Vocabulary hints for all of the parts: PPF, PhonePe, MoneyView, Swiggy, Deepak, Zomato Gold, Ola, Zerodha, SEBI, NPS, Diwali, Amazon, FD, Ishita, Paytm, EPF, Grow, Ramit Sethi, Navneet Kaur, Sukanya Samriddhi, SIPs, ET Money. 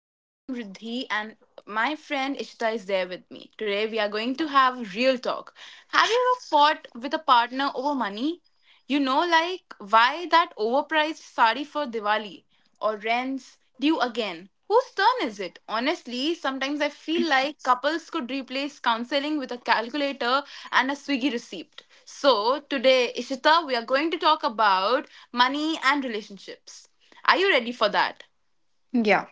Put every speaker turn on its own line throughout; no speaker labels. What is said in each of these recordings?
I am Samriddhi and my friend Ishita is there with me. Today, we are going to have real talk. Have you ever fought with a partner over money? Why that overpriced sari for Diwali? Or rents due again. Whose turn is it? Honestly, sometimes I feel like couples could replace counseling with a calculator and a Swiggy receipt. So, today, Ishita, we are going to talk about money and relationships. Are you ready for that?
Yeah.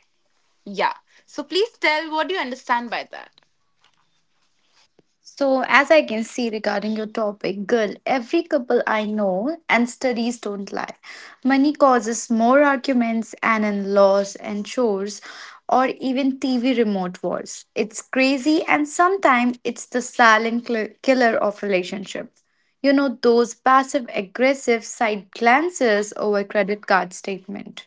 Yeah. So, please tell what do you understand by that?
So, as I can see regarding your topic, girl, every couple I know and studies don't lie. Money causes more arguments and in laws and chores or even TV remote wars. It's crazy and sometimes it's the silent killer of relationships. You know, those passive aggressive side glances over credit card statement.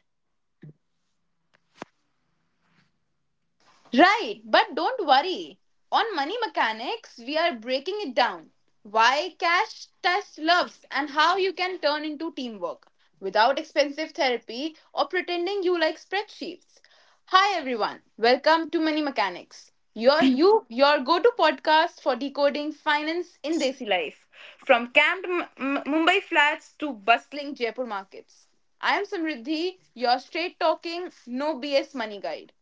Right, but don't worry. On Money Mechanics, we are breaking it down. Why cash test loves and how you can turn into teamwork without expensive therapy or pretending you like spreadsheets. Hi everyone. Welcome to Money Mechanics. Your go-to podcast for decoding finance in Desi life, from camped Mumbai flats to bustling Jaipur markets. I am Samriddhi, your straight talking, no BS money guide.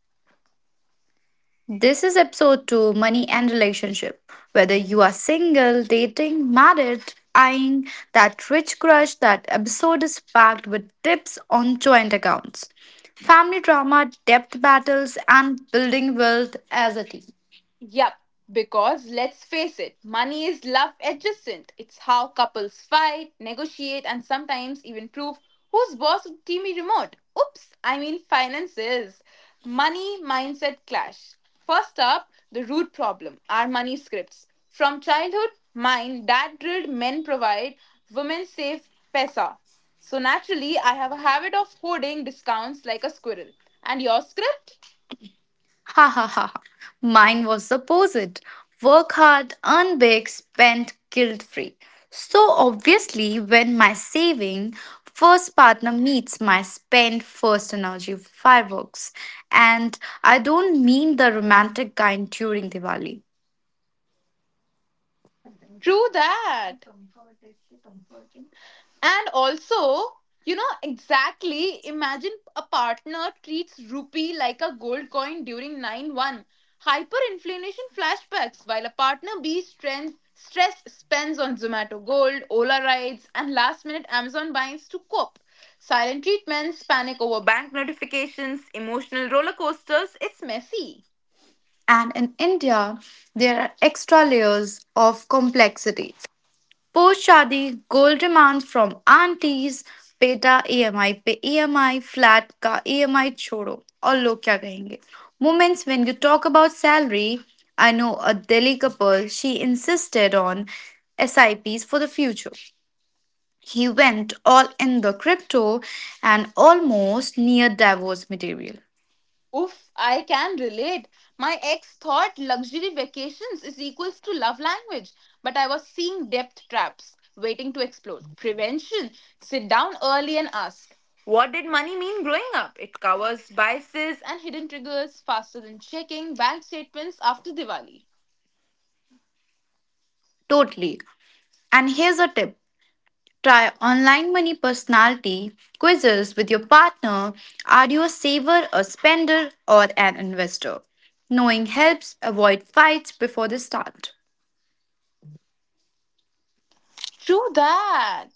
This is episode 2 Money and Relationship. Whether you are single, dating, married, eyeing that rich crush, that episode is packed with tips on joint accounts, family drama, debt battles, and building wealth as a team.
Yep, because let's face it, money is love adjacent. It's how couples fight, negotiate, and sometimes even prove who's boss of Teamy Remote. Oops, I mean finances. Money mindset clash. First up, the root problem our money scripts. From childhood, mine, dad drilled men provide, women save pesa. So naturally, I have a habit of hoarding discounts like a squirrel. And your script?
Ha ha ha. Ha. Mine was the opposite. Work hard, earn big, spend guilt free. So obviously, when my saving first partner meets my spend first energy fireworks, and I don't mean the romantic kind during Diwali.
True that. And also, exactly, imagine a partner treats rupee like a gold coin during 9-1. Hyperinflation flashbacks, while a partner B strength, stress spends on Zomato Gold, Ola rides, and last-minute Amazon buys to cope. Silent treatments, panic over bank notifications, emotional roller coasters, it's messy.
And in India, there are extra layers of complexity. Post shaadi gold demand from aunties, बेटा EMI पे EMI, flat का EMI छोड़ो और लोग क्या कहेंगे moments when you talk about salary I know a Delhi couple she insisted on SIPs for the future. He went all in the crypto and almost near divorce material.
Oof, I can relate. My ex thought luxury vacations is equals to love language, but I was seeing depth traps waiting to explode. Prevention. Sit down early and ask. What did money mean growing up? It covers biases and hidden triggers faster than checking bank statements after Diwali.
Totally. And here's a tip. Try online money personality quizzes with your partner. Are you a saver, a spender, or an investor? Knowing helps avoid fights before they start.
True that.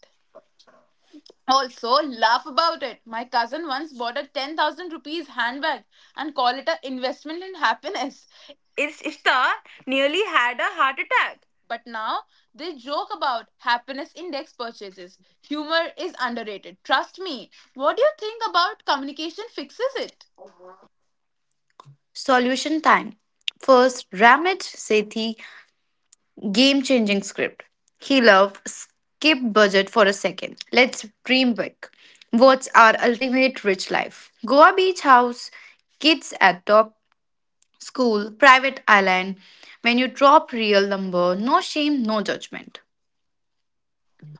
Also, laugh about it. My cousin once bought a 10,000 rupees handbag and called it an investment in happiness. Ishtar nearly had a heart attack. But now they joke about happiness index purchases. Humor is underrated. Trust me. What do you think about communication fixes it?
Solution time. First, Ramit Sethi game changing script. He love skip budget for a second. Let's dream big. What's our ultimate rich life? Goa beach house, kids at top School, private island. When you drop real number, no shame, no judgment.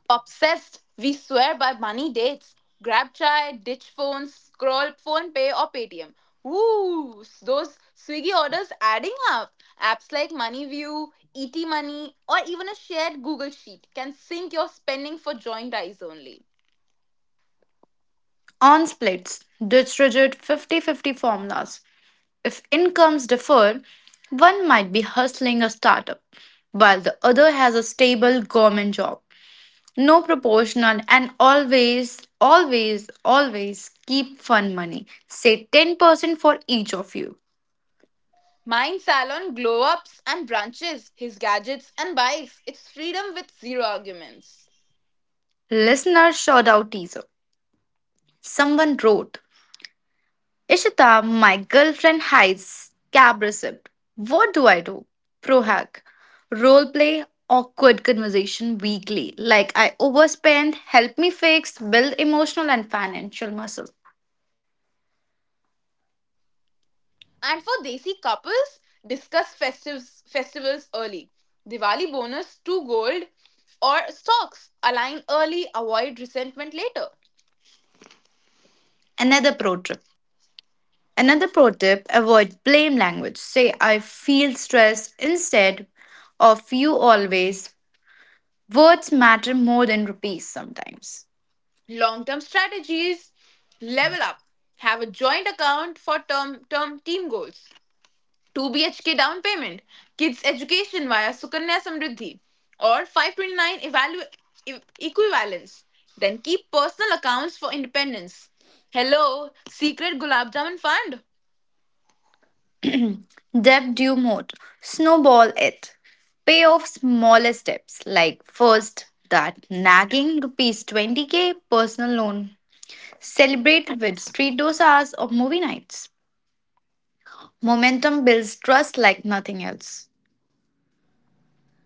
Obsessed, we swear by money dates. Grab chai, ditch phones, scroll phone pay or Paytm. Woo! Those Swiggy orders adding up. Apps like MoneyView, ET Money, or even a shared Google Sheet can sync your spending for joint eyes only.
On splits, ditch rigid 50 fifty formulas. If incomes differ, one might be hustling a startup, while the other has a stable government job. No proportional and always, always, always keep fun money. Say 10% for each of you.
Mine salon glow ups and branches, his gadgets and bikes. It's freedom with zero arguments.
Listener shout out teaser. Someone wrote, Ishita, my girlfriend hides cab receipt. What do I do? Pro hack. Role play awkward conversation weekly. Like I overspend, help me fix, build emotional and financial muscle.
And for Desi couples, discuss festivals early. Diwali bonus, two gold or stocks. Align early, avoid resentment later.
Another pro tip. Another pro tip, avoid blame language. Say I feel stressed instead of you always. Words matter more than rupees sometimes.
Long term strategies, level up. Have a joint account for term team goals. 2 BHK down payment, kids education via Sukanya Samriddhi, or 529 equivalence. Then keep personal accounts for independence. Hello, secret Gulab Jamun fund.
Debt due mode. Snowball it. Pay off smaller steps like first that nagging rupees 20K personal loan. Celebrate with street dosas or movie nights. Momentum builds trust like nothing else.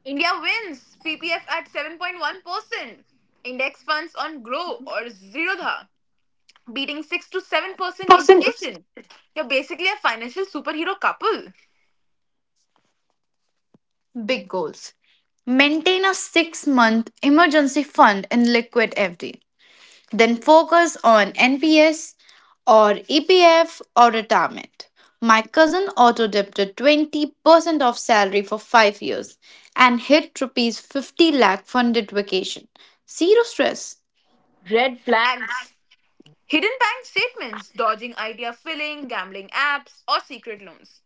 India wins PPF at 7.1%. Index funds on Grow or Zerodha beating 6 to 7%
Person is
inflation. You're basically a financial superhero couple.
Big goals. Maintain a 6-month emergency fund in liquid FD. Then focus on NPS or EPF or retirement. My cousin auto debted 20% of salary for 5 years and hit rupees 50 lakh funded vacation. Zero stress.
Red flags. Hidden bank statements, dodging idea filling, gambling apps, or secret loans.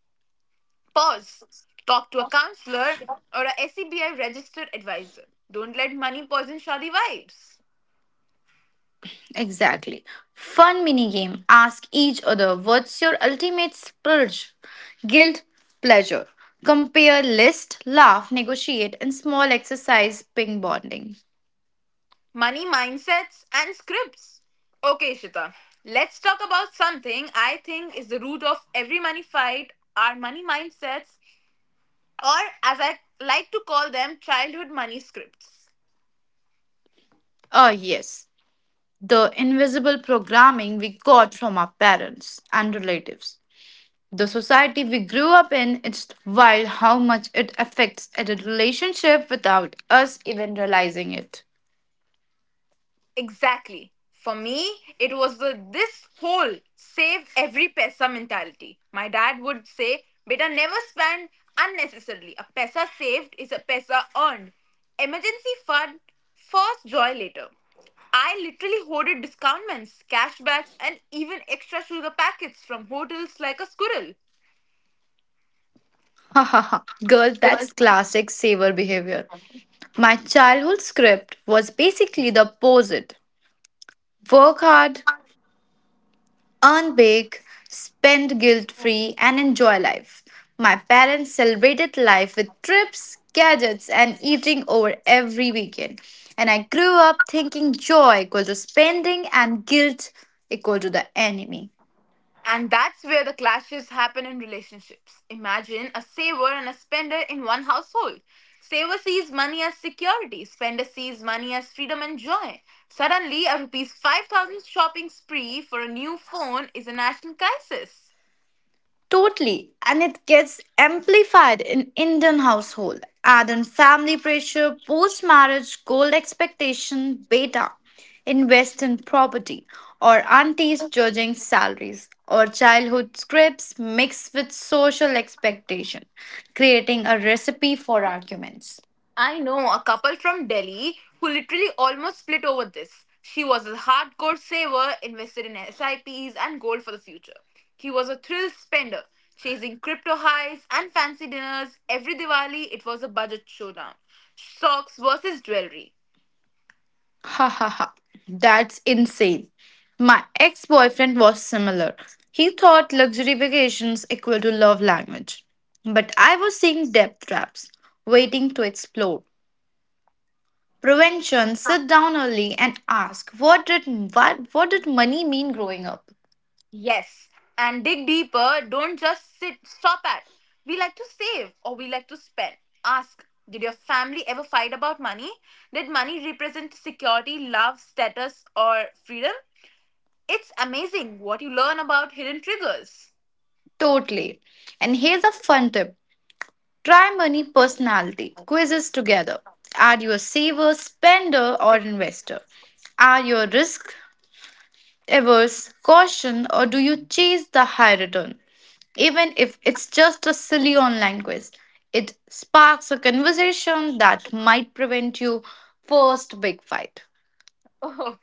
Pause. Talk to a counselor or a SEBI registered advisor. Don't let money poison shoddy vibes.
Exactly. Fun mini game. Ask each other what's your ultimate splurge? Guilt, pleasure. Compare, list, laugh, negotiate, and small exercise ping bonding.
Money mindsets, and scripts. Okay, Shita, let's talk about something I think is the root of every money fight our money mindsets, or as I like to call them, childhood money scripts.
Oh yes. The invisible programming we got from our parents and relatives. The society we grew up in, it's wild how much it affects a relationship without us even realizing it.
Exactly. For me, it was the this whole save every paisa mentality. My dad would say, Beta, never spend unnecessarily. A paisa saved is a paisa earned. Emergency fund, first joy later. I literally hoarded discountments, cashbacks, and even extra sugar packets from hotels like a squirrel.
Girl, that's classic saver behavior. My childhood script was basically the opposite work hard, earn big, spend guilt free, and enjoy life. My parents celebrated life with trips, gadgets, and eating over every weekend. And I grew up thinking joy equal to spending and guilt equal to the enemy.
And that's where the clashes happen in relationships. Imagine a saver and a spender in one household. Saver sees money as security, spender sees money as freedom and joy. Suddenly, a rupees 5000 shopping spree for a new phone is a national crisis.
Totally, and it gets amplified in Indian household. Add in family pressure, post-marriage goal expectation, beta, invest in property, or aunties judging salaries, or childhood scripts mixed with social expectation, creating a recipe for arguments.
I know a couple from Delhi who literally almost split over this. She was a hardcore saver, invested in SIPs and gold for the future. He was a thrill spender, chasing crypto highs and fancy dinners. Every Diwali, it was a budget showdown. Socks versus jewelry.
Ha ha ha. That's insane. My ex boyfriend was similar. He thought luxury vacations equal to love language. But I was seeing debt traps, waiting to explode. Prevention, sit down early and ask what did money mean growing up?
Yes. And dig deeper, don't just stop at. We like to save or we like to spend. Ask, did your family ever fight about money? Did money represent security, love, status, or freedom? It's amazing what you learn about hidden triggers.
Totally. And here's a fun tip. Try money personality quizzes together. Are you a saver, spender, or investor? Are you a risk averse caution or do you chase the high return? Even if it's just a silly online quiz, it sparks a conversation that might prevent you first big fight.
Oh,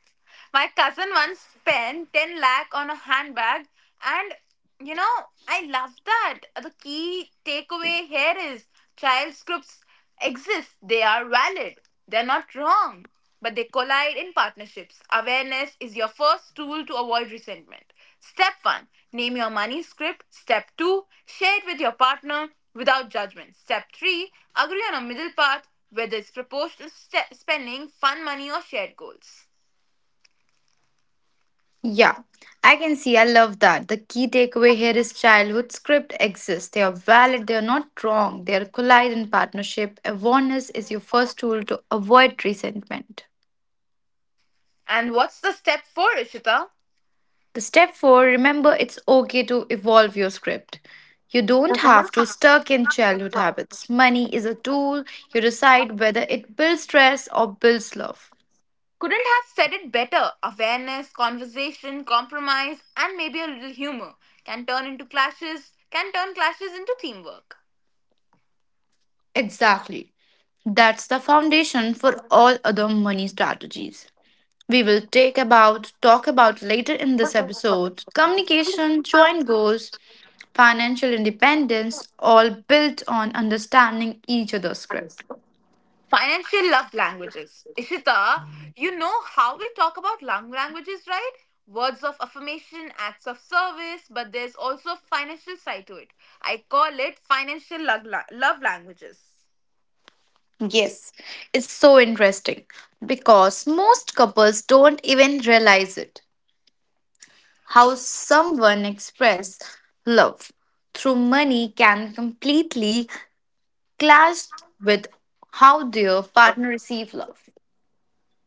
my cousin once spent 10 lakh on a handbag, and you know, I love that. The key takeaway here is child scripts exist, they are valid, they're not wrong, but they collide in partnerships. Awareness is your first tool to avoid resentment. Step one, name your money script. Step two, share it with your partner without judgment. Step three, agree on a middle path, whether it's proportional spending, fun money, or shared goals.
Yeah, I can see. I love that. The key takeaway here is childhood script exists. They are valid, they are not wrong, they are collide in partnership. Awareness is your first tool to avoid resentment.
And what's the step four, Ishita?
The step four, remember it's okay to evolve your script. You don't have to stuck in childhood habits. Money is a tool. You decide whether it builds stress or builds love.
Couldn't have said it better. Awareness, conversation, compromise, and maybe a little humor can turn clashes into teamwork.
Exactly. That's the foundation for all other money strategies. We will take about talk about later in this episode. Communication, joint goals, financial independence all built on understanding each other's script.
Financial love languages. Ishita, you know how we talk about love languages, right? Words of affirmation, acts of service, but there's also a financial side to it. I call it financial love languages.
Yes, it's so interesting because most couples don't even realize it. How someone express love through money can completely clash with how their partner receive love.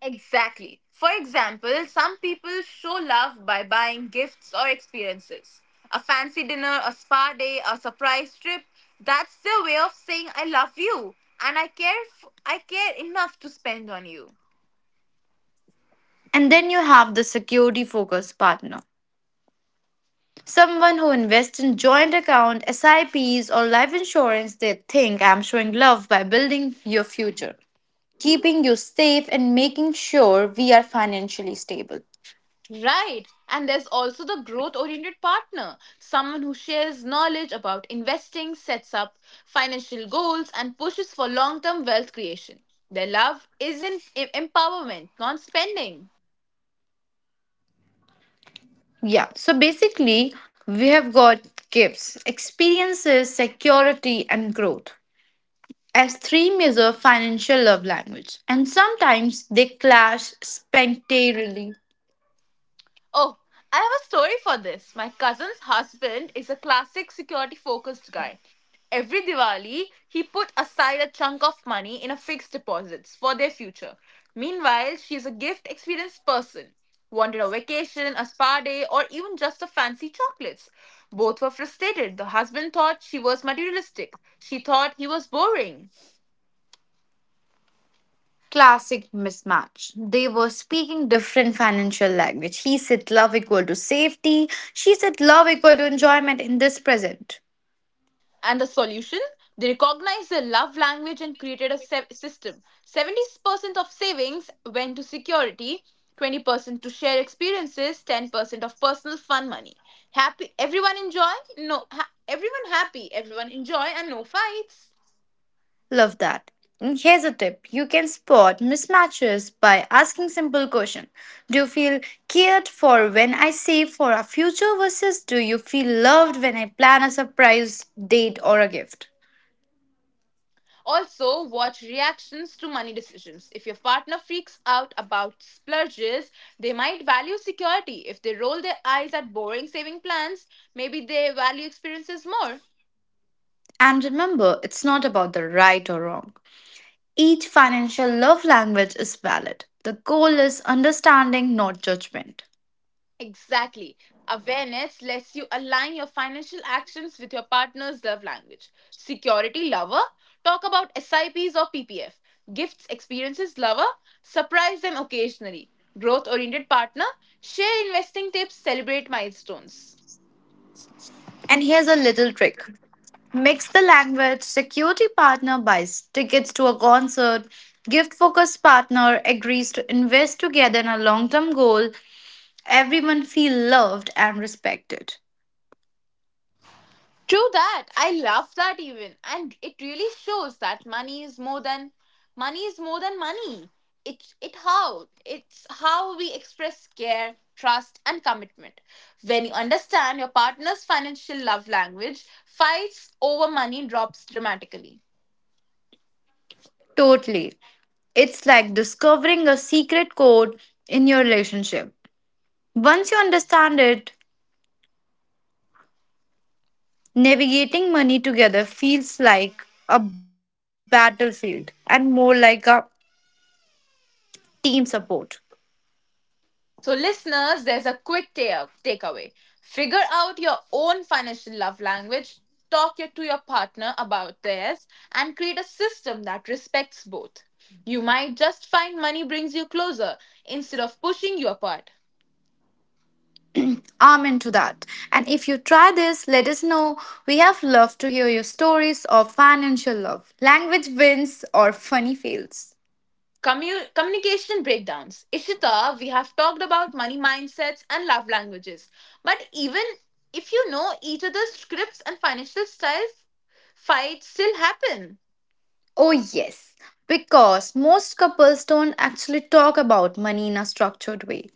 Exactly. For example, some people show love by buying gifts or experiences. A fancy dinner, a spa day, a surprise trip. That's their way of saying I love you and I care enough to spend on you.
And then you have the security focused partner. Someone who invests in joint account, SIPs or life insurance, they think I'm showing love by building your future, keeping you safe and making sure we are financially stable.
Right. And there's also the growth oriented partner, someone who shares knowledge about investing, sets up financial goals and pushes for long-term wealth creation. Their love is in empowerment, not spending.
Yeah. So basically, we have got gifts, experiences, security, and growth as three major financial love language. And sometimes they clash spectacularly.
Oh, I have a story for this. My cousin's husband is a classic security focused guy. Every Diwali, he put aside a chunk of money in a fixed deposits for their future. Meanwhile, she is a gift experienced person. Wanted a vacation, a spa day, or even just a fancy chocolates. Both were frustrated. The husband thought she was materialistic. She thought he was boring.
Classic mismatch. They were speaking different financial language. He said love equal to safety. She said love equal to enjoyment in this present.
And the solution? They recognized the love language and created a system. 70% of savings went to security, 20% to share experiences, 10% of personal fun money. Happy everyone enjoy? No, everyone happy, everyone enjoy and no fights.
Love that. And here's a tip. You can spot mismatches by asking simple question. Do you feel cared for when I save for a future versus do you feel loved when I plan a surprise date or a gift?
Also, watch reactions to money decisions. If your partner freaks out about splurges, they might value security. If they roll their eyes at boring saving plans, maybe they value experiences more.
And remember, it's not about the right or wrong. Each financial love language is valid. The goal is understanding, not judgment.
Exactly. Awareness lets you align your financial actions with your partner's love language. Security lover, talk about SIPs or PPF. Gifts experiences lover, surprise them occasionally. Growth oriented partner, share investing tips, celebrate milestones.
And here's a little trick. Mix the language, security partner buys tickets to a concert, gift focused partner agrees to invest together in a long term goal, everyone feel loved and respected.
True that. I love that even. And it really shows that money is more than money. It's how we express care, trust and commitment. When you understand your partner's financial love language, fights over money drops dramatically.
Totally. It's like discovering a secret code in your relationship. Once you understand it, navigating money together feels like a battlefield and more like a team support.
So, listeners, there's a quick takeaway. Figure out your own financial love language, to your partner about theirs, and create a system that respects both. You might just find money brings you closer instead of pushing you apart.
Amen to that. And if you try this, let us know. We have loved to hear your stories of financial love, language wins, or funny fails.
Communication breakdowns. Ishita, we have talked about money mindsets and love languages. But even if you know each other's scripts and financial styles, fights still happen.
Oh, yes, because most couples don't actually talk about money in a structured way.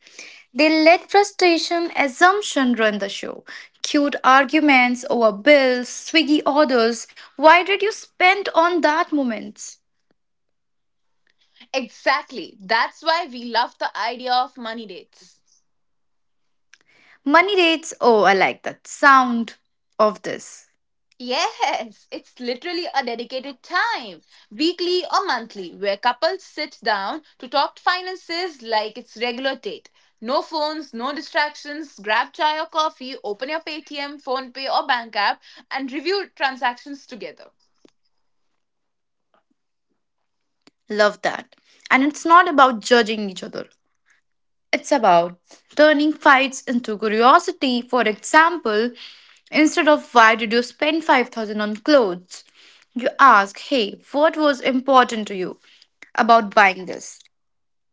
They let frustration, assumption run the show. Cute arguments over bills, swiggy orders. Why did you spend on that moment?
Exactly. That's why we love the idea of money dates.
Money dates. Oh, I like that sound of this.
Yes, it's literally a dedicated time, weekly or monthly, where couples sit down to talk finances like it's regular date. No phones, no distractions, grab chai or coffee, open your Paytm, PhonePe or bank app and review transactions together.
Love that. And it's not about judging each other, it's about turning fights into curiosity. For example, instead of why did you spend 5,000 on clothes, you ask, hey, what was important to you about buying this?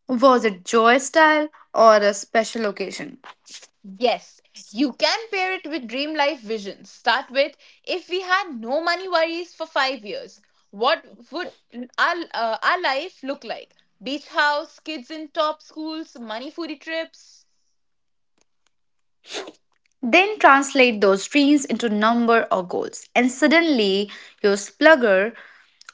Was it joy style or a special occasion?
Yes, you can pair it with dream life visions. Start with if we had no money worries for 5 years, what would our life look like? Beach house, kids in top schools, money foodie trips.
Then translate those dreams into number or goals, and suddenly you're splugger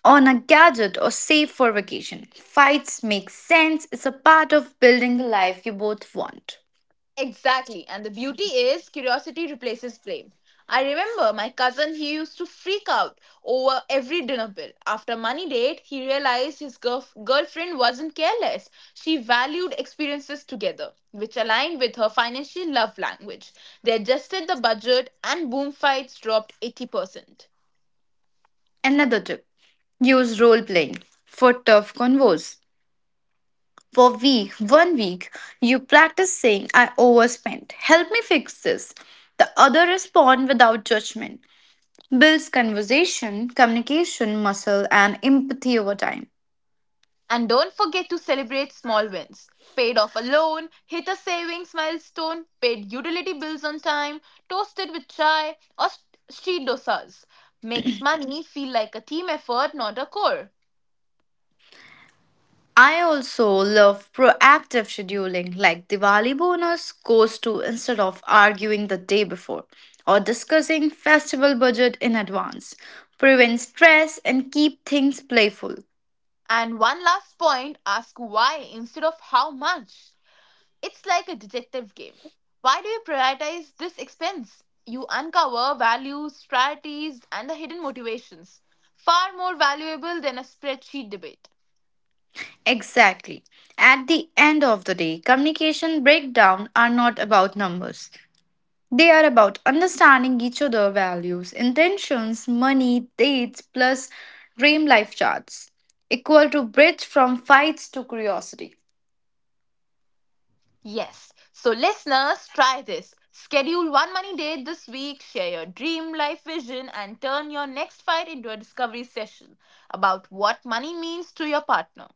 on a gadget or save for vacation. Fights make sense, it's a part of building the life you both want.
Exactly. And the beauty is curiosity replaces blame. I remember my cousin, he used to freak out over every dinner bill. After money date, he realized his girlfriend wasn't careless. She valued experiences together, which aligned with her financial love language. They adjusted the budget and boom fights dropped 80%.
Another tip use role playing for tough convos. One week, you practice saying, I overspent. Help me fix this. The other respond without judgment. Builds conversation, communication muscle, and empathy over time.
And don't forget to celebrate small wins. Paid off a loan, hit a savings milestone, paid utility bills on time, toasted with chai, or street dosas. Makes money feel like a team effort, not a chore.
I also love proactive scheduling, like Diwali bonus goes to instead of arguing the day before or discussing festival budget in advance. Prevent stress and keep things playful.
And one last point ask why instead of how much. It's like a detective game. Why do you prioritize this expense? You uncover values, priorities, and the hidden motivations. Far more valuable than a spreadsheet debate.
Exactly. At the end of the day, communication breakdown are not about numbers. They are about understanding each other values, intentions, money, dates, plus dream life charts. Equal to bridge from fights to curiosity.
Yes. So, listeners, try this. Schedule one money date this week, share your dream life vision, and turn your next fight into a discovery session about what money means to your partner.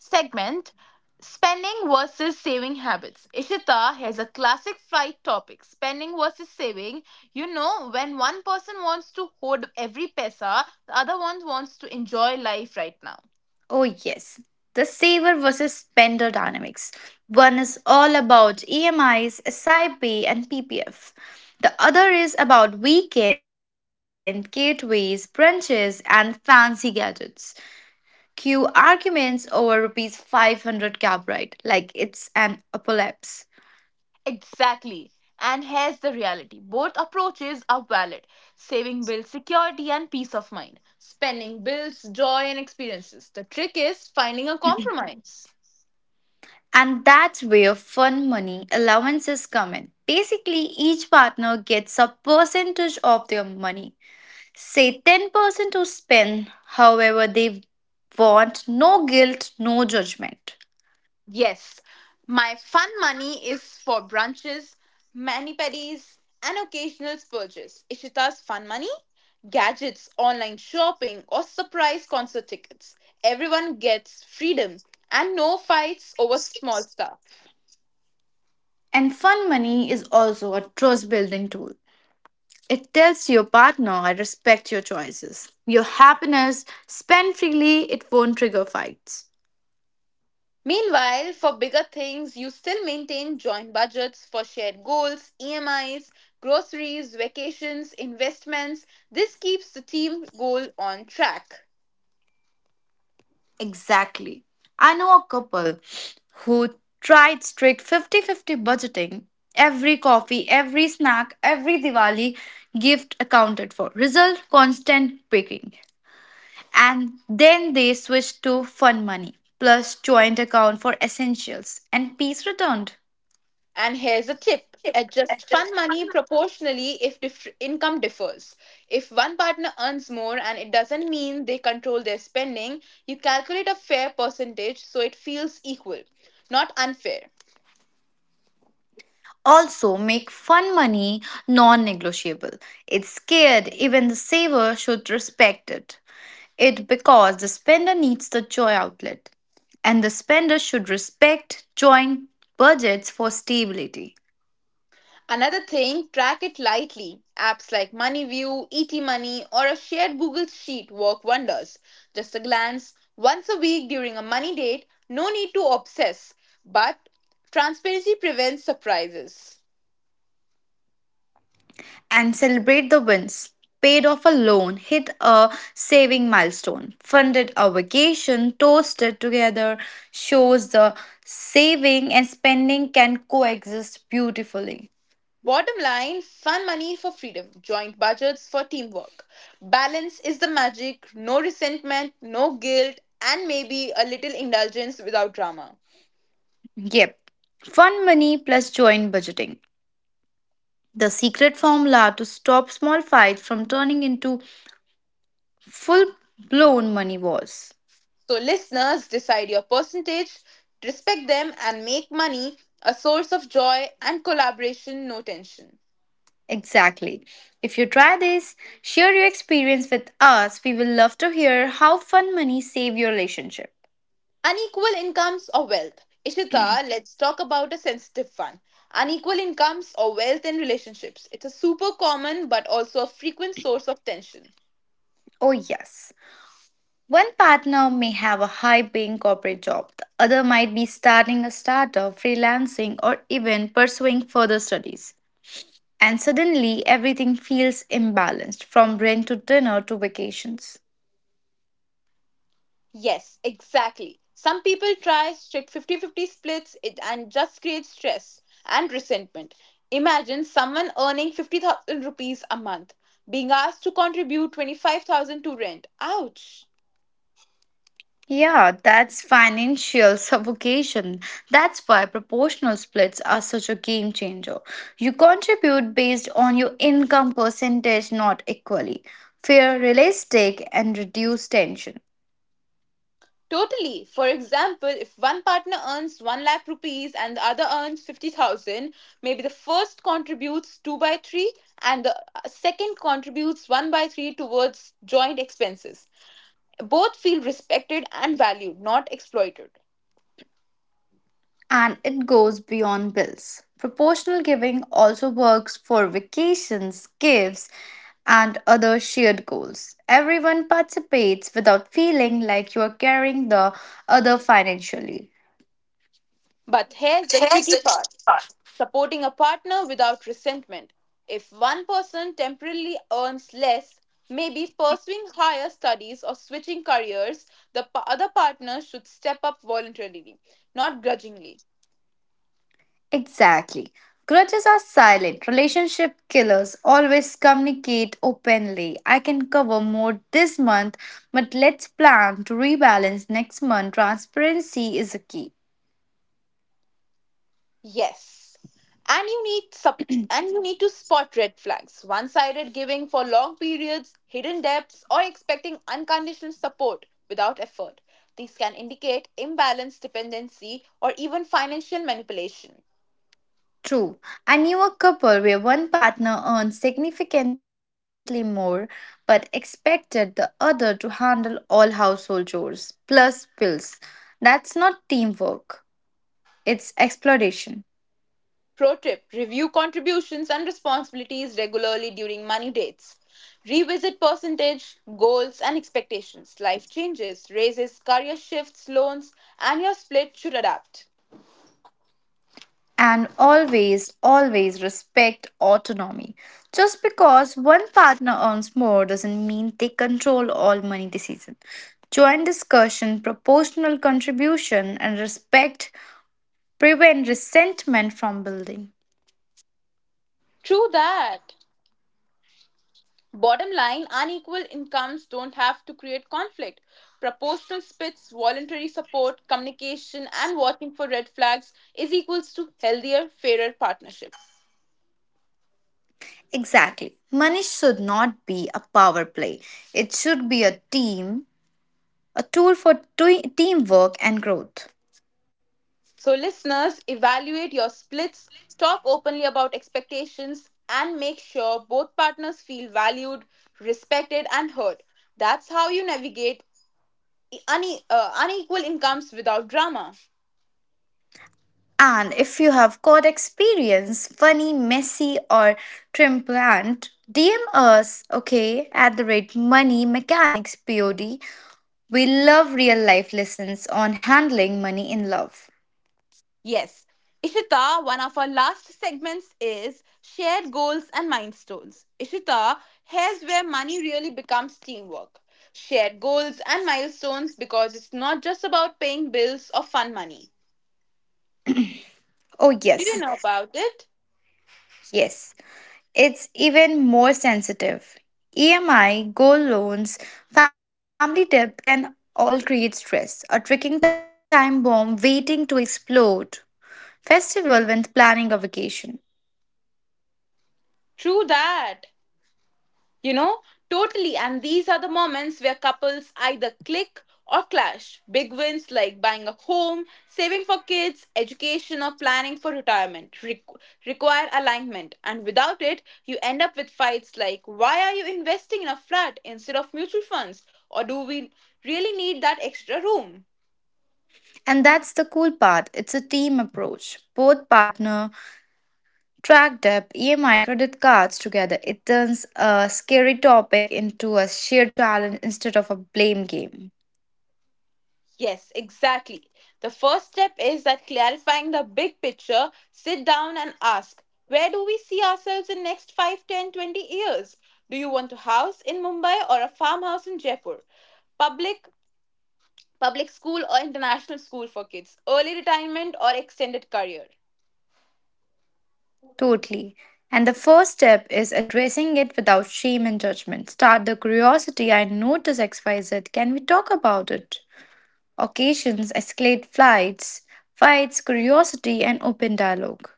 Segment Spending versus saving habits. Ishita has a classic fight topic spending versus saving. You know, when one person wants to hoard every pesa, the other one wants to enjoy life right now.
Oh, yes. The saver versus spender dynamics. One is all about EMIs, SIP, and PPF. The other is about weekend, gateways, brunches, and fancy gadgets. Cue arguments over rupees 500 cab ride, like it's an apocalypse.
Exactly. And here's the reality both approaches are valid. Saving builds security and peace of mind, spending builds joy and experiences. The trick is finding a compromise.
And that's where fun money allowances come in. Basically, each partner gets a percentage of their money. Say 10% who spend however they want, no guilt, no judgment.
Yes, my fun money is for brunches, mani pedis, and occasional spurges. Ishita's fun money? Gadgets, online shopping, or surprise concert tickets. Everyone gets freedom and no fights over small stuff.
And fun money is also a trust building tool. It tells your partner, I respect your choices. Your happiness, spend freely, it won't trigger fights.
Meanwhile, for bigger things, you still maintain joint budgets for shared goals, EMIs, groceries, vacations, investments. This keeps the team goal on track.
Exactly. I know a couple who tried strict 50-50 budgeting. Every coffee, every snack, every Diwali gift accounted for. Result constant picking. And then they switched to fun money plus joint account for essentials and peace returned.
And here's a tip adjust fun money proportionally if income differs. If one partner earns more and it doesn't mean they control their spending, you calculate a fair percentage so it feels equal, not unfair.
Also, make fun money non-negotiable. It's scared, even the saver should respect it because the spender needs the joy outlet, and the spender should respect joint budgets for stability.
Another thing, track it lightly. Apps like MoneyView, ET Money, or a shared Google Sheet work wonders. Just a glance, once a week during a money date, no need to obsess. But transparency prevents surprises.
And celebrate the wins. Paid off a loan, hit a saving milestone, funded a vacation, toasted together shows the saving and spending can coexist beautifully.
Bottom line fun money for freedom, joint budgets for teamwork. Balance is the magic, no resentment, no guilt, and maybe a little indulgence without drama.
Yep. Fun money plus joint budgeting. The secret formula to stop small fights from turning into full blown money wars.
So, listeners, decide your percentage, respect them, and make money a source of joy and collaboration, no tension.
Exactly. If you try this, share your experience with us. We will love to hear how fun money saved your relationship.
Unequal incomes or wealth. Ishita, let's talk about a sensitive one. Unequal incomes or wealth in relationships. It's a super common but also a frequent source of tension.
Oh, yes. One partner may have a high paying corporate job, the other might be starting a startup, freelancing, or even pursuing further studies. And suddenly everything feels imbalanced from rent to dinner to vacations.
Yes, exactly. Some people try strict 50-50 splits it and just create stress and resentment. Imagine someone earning 50,000 rupees a month being asked to contribute 25,000 to rent. Ouch!
Yeah, that's financial suffocation. That's why proportional splits are such a game changer. You contribute based on your income percentage, not equally. Fair, realistic, and reduce tension.
Totally. For example, if one partner earns 1 lakh rupees and the other earns 50,000, maybe the first contributes 2 by 3 and the second contributes 1 by 3 towards joint expenses. Both feel respected and valued, not exploited.
And it goes beyond bills. Proportional giving also works for vacations, gifts, and other shared goals. Everyone participates without feeling like you are carrying the other financially.
But here's the tricky part supporting a partner without resentment. If one person temporarily earns less, maybe pursuing higher studies or switching careers, the other partner should step up voluntarily, not grudgingly.
Exactly. Grudges are silent. Relationship killers always communicate openly. I can cover more this month, but let's plan to rebalance next month. Transparency is a key.
Yes. And you need sup- and you need to spot red flags. One-sided giving for long periods, hidden debts, or expecting unconditional support without effort. These can indicate imbalance, dependency, or even financial manipulation.
True. I knew a couple where one partner earned significantly more but expected the other to handle all household chores plus bills. That's not teamwork, it's exploitation.
Pro tip review contributions and responsibilities regularly during money dates. Revisit percentage, goals, and expectations. Life changes, raises, career shifts, loans, and your split should adapt.
And always, always respect autonomy. Just because one partner earns more doesn't mean they control all money decisions. Joint discussion, proportional contribution, and respect prevent resentment from building.
True that. Bottom line unequal incomes don't have to create conflict. Proportional splits, voluntary support, communication, and watching for red flags is equals to healthier, fairer partnership.
Exactly. Money should not be a power play. It should be a team, a tool for teamwork and growth.
So, listeners, evaluate your splits, talk openly about expectations, and make sure both partners feel valued, respected, and heard. That's how you navigate unequal incomes without drama.
And if you have got experience, funny, messy, or trimplant, DM us, okay, at the rate money mechanics POD. We love real life lessons on handling money in love.
Yes. Ishita, one of our last segments is shared goals and milestones. Ishita, here's where money really becomes teamwork. Shared goals and milestones because it's not just about paying bills or fun money.
Oh,
Do you
yes,
know about it?
yes. It's even more sensitive. EMI, gold loans, family debt can all create stress, a ticking time bomb waiting to explode. Festival when planning a vacation.
True that. You know, totally. And these are the moments where couples either click or clash. Big wins like buying a home, saving for kids, education, or planning for retirement require alignment. And without it, you end up with fights like why are you investing in a flat instead of mutual funds? Or do we really need that extra room?
And that's the cool part. It's a team approach. Both partner track debt, EMI credit cards together. It turns a scary topic into a shared challenge instead of a blame game.
Yes, exactly. The first step is that clarifying the big picture, sit down and ask, where do we see ourselves in next 5, 10, 20 years? Do you want a house in Mumbai or a farmhouse in Jaipur? Public public school or international school for kids, early retirement or extended career?
Totally. And the first step is addressing it without shame and judgment. Start the curiosity. I notice XYZ. Can we talk about it? Occasions escalate flights, fights, curiosity, and open dialogue.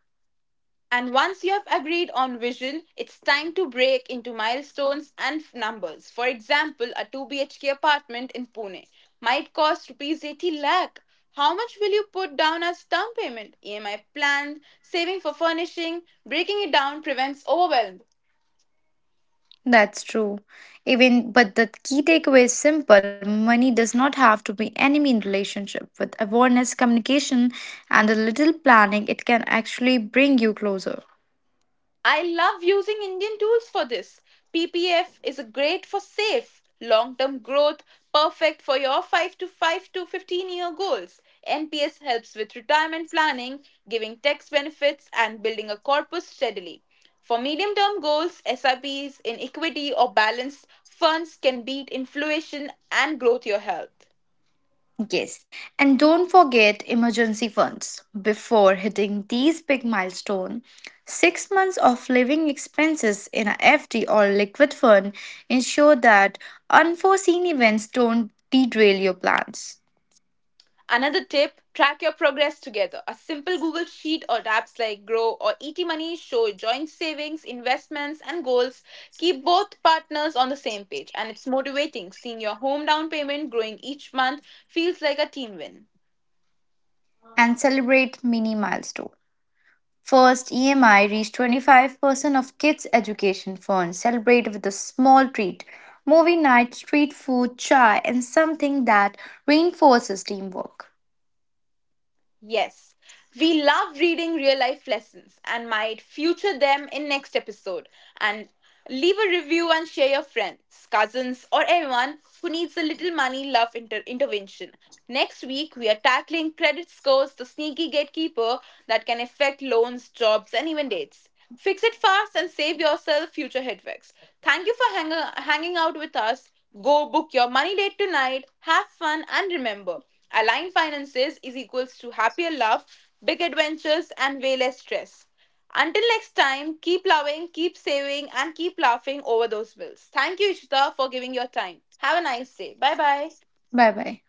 And once you have agreed on vision, it's time to break into milestones and numbers. For example, a 2 BHK apartment in Pune might cost rupees 80 lakh. How much will you put down as down payment? EMI plan, saving for furnishing, breaking it down prevents overwhelm.
That's true. Even but the key takeaway is simple. Money does not have to be enemy in relationship. With awareness, communication, and a little planning, it can actually bring you closer.
I love using Indian tools for this. PPF is a great for safe, long term growth, perfect for your 5 to 15 year goals. NPS helps with retirement planning, giving tax benefits, and building a corpus steadily. For medium term goals, SIPs in equity or balanced funds can beat inflation and growth your health.
Yes, and don't forget emergency funds. Before hitting these big milestone, 6 months of living expenses in a FD or liquid fund ensure that unforeseen events don't derail your plans.
Another tip track your progress together. A simple Google Sheet or apps like Grow or ET Money show joint savings, investments, and goals. Keep both partners on the same page, and it's motivating. Seeing your home down payment growing each month feels like a team win.
And celebrate mini milestone. First, EMI reached 25% of kids' education funds. Celebrate with a small treat, movie night, street food, chai, and something that reinforces teamwork.
Yes, we love reading real life lessons and might feature them in next episode. And leave a review and share your friends, cousins, or anyone who needs a little money love intervention. Next week, we are tackling credit scores, the sneaky gatekeeper that can affect loans, jobs, and even dates. Fix it fast and save yourself future headaches. Thank you for hanging out with us. Go book your money date tonight. Have fun and remember, aligned finances is equals to happier love, big adventures, and way less stress. Until next time, keep loving, keep saving, and keep laughing over those bills. Thank you, Ishita, for giving your time. Have a nice day. Bye bye.
Bye bye.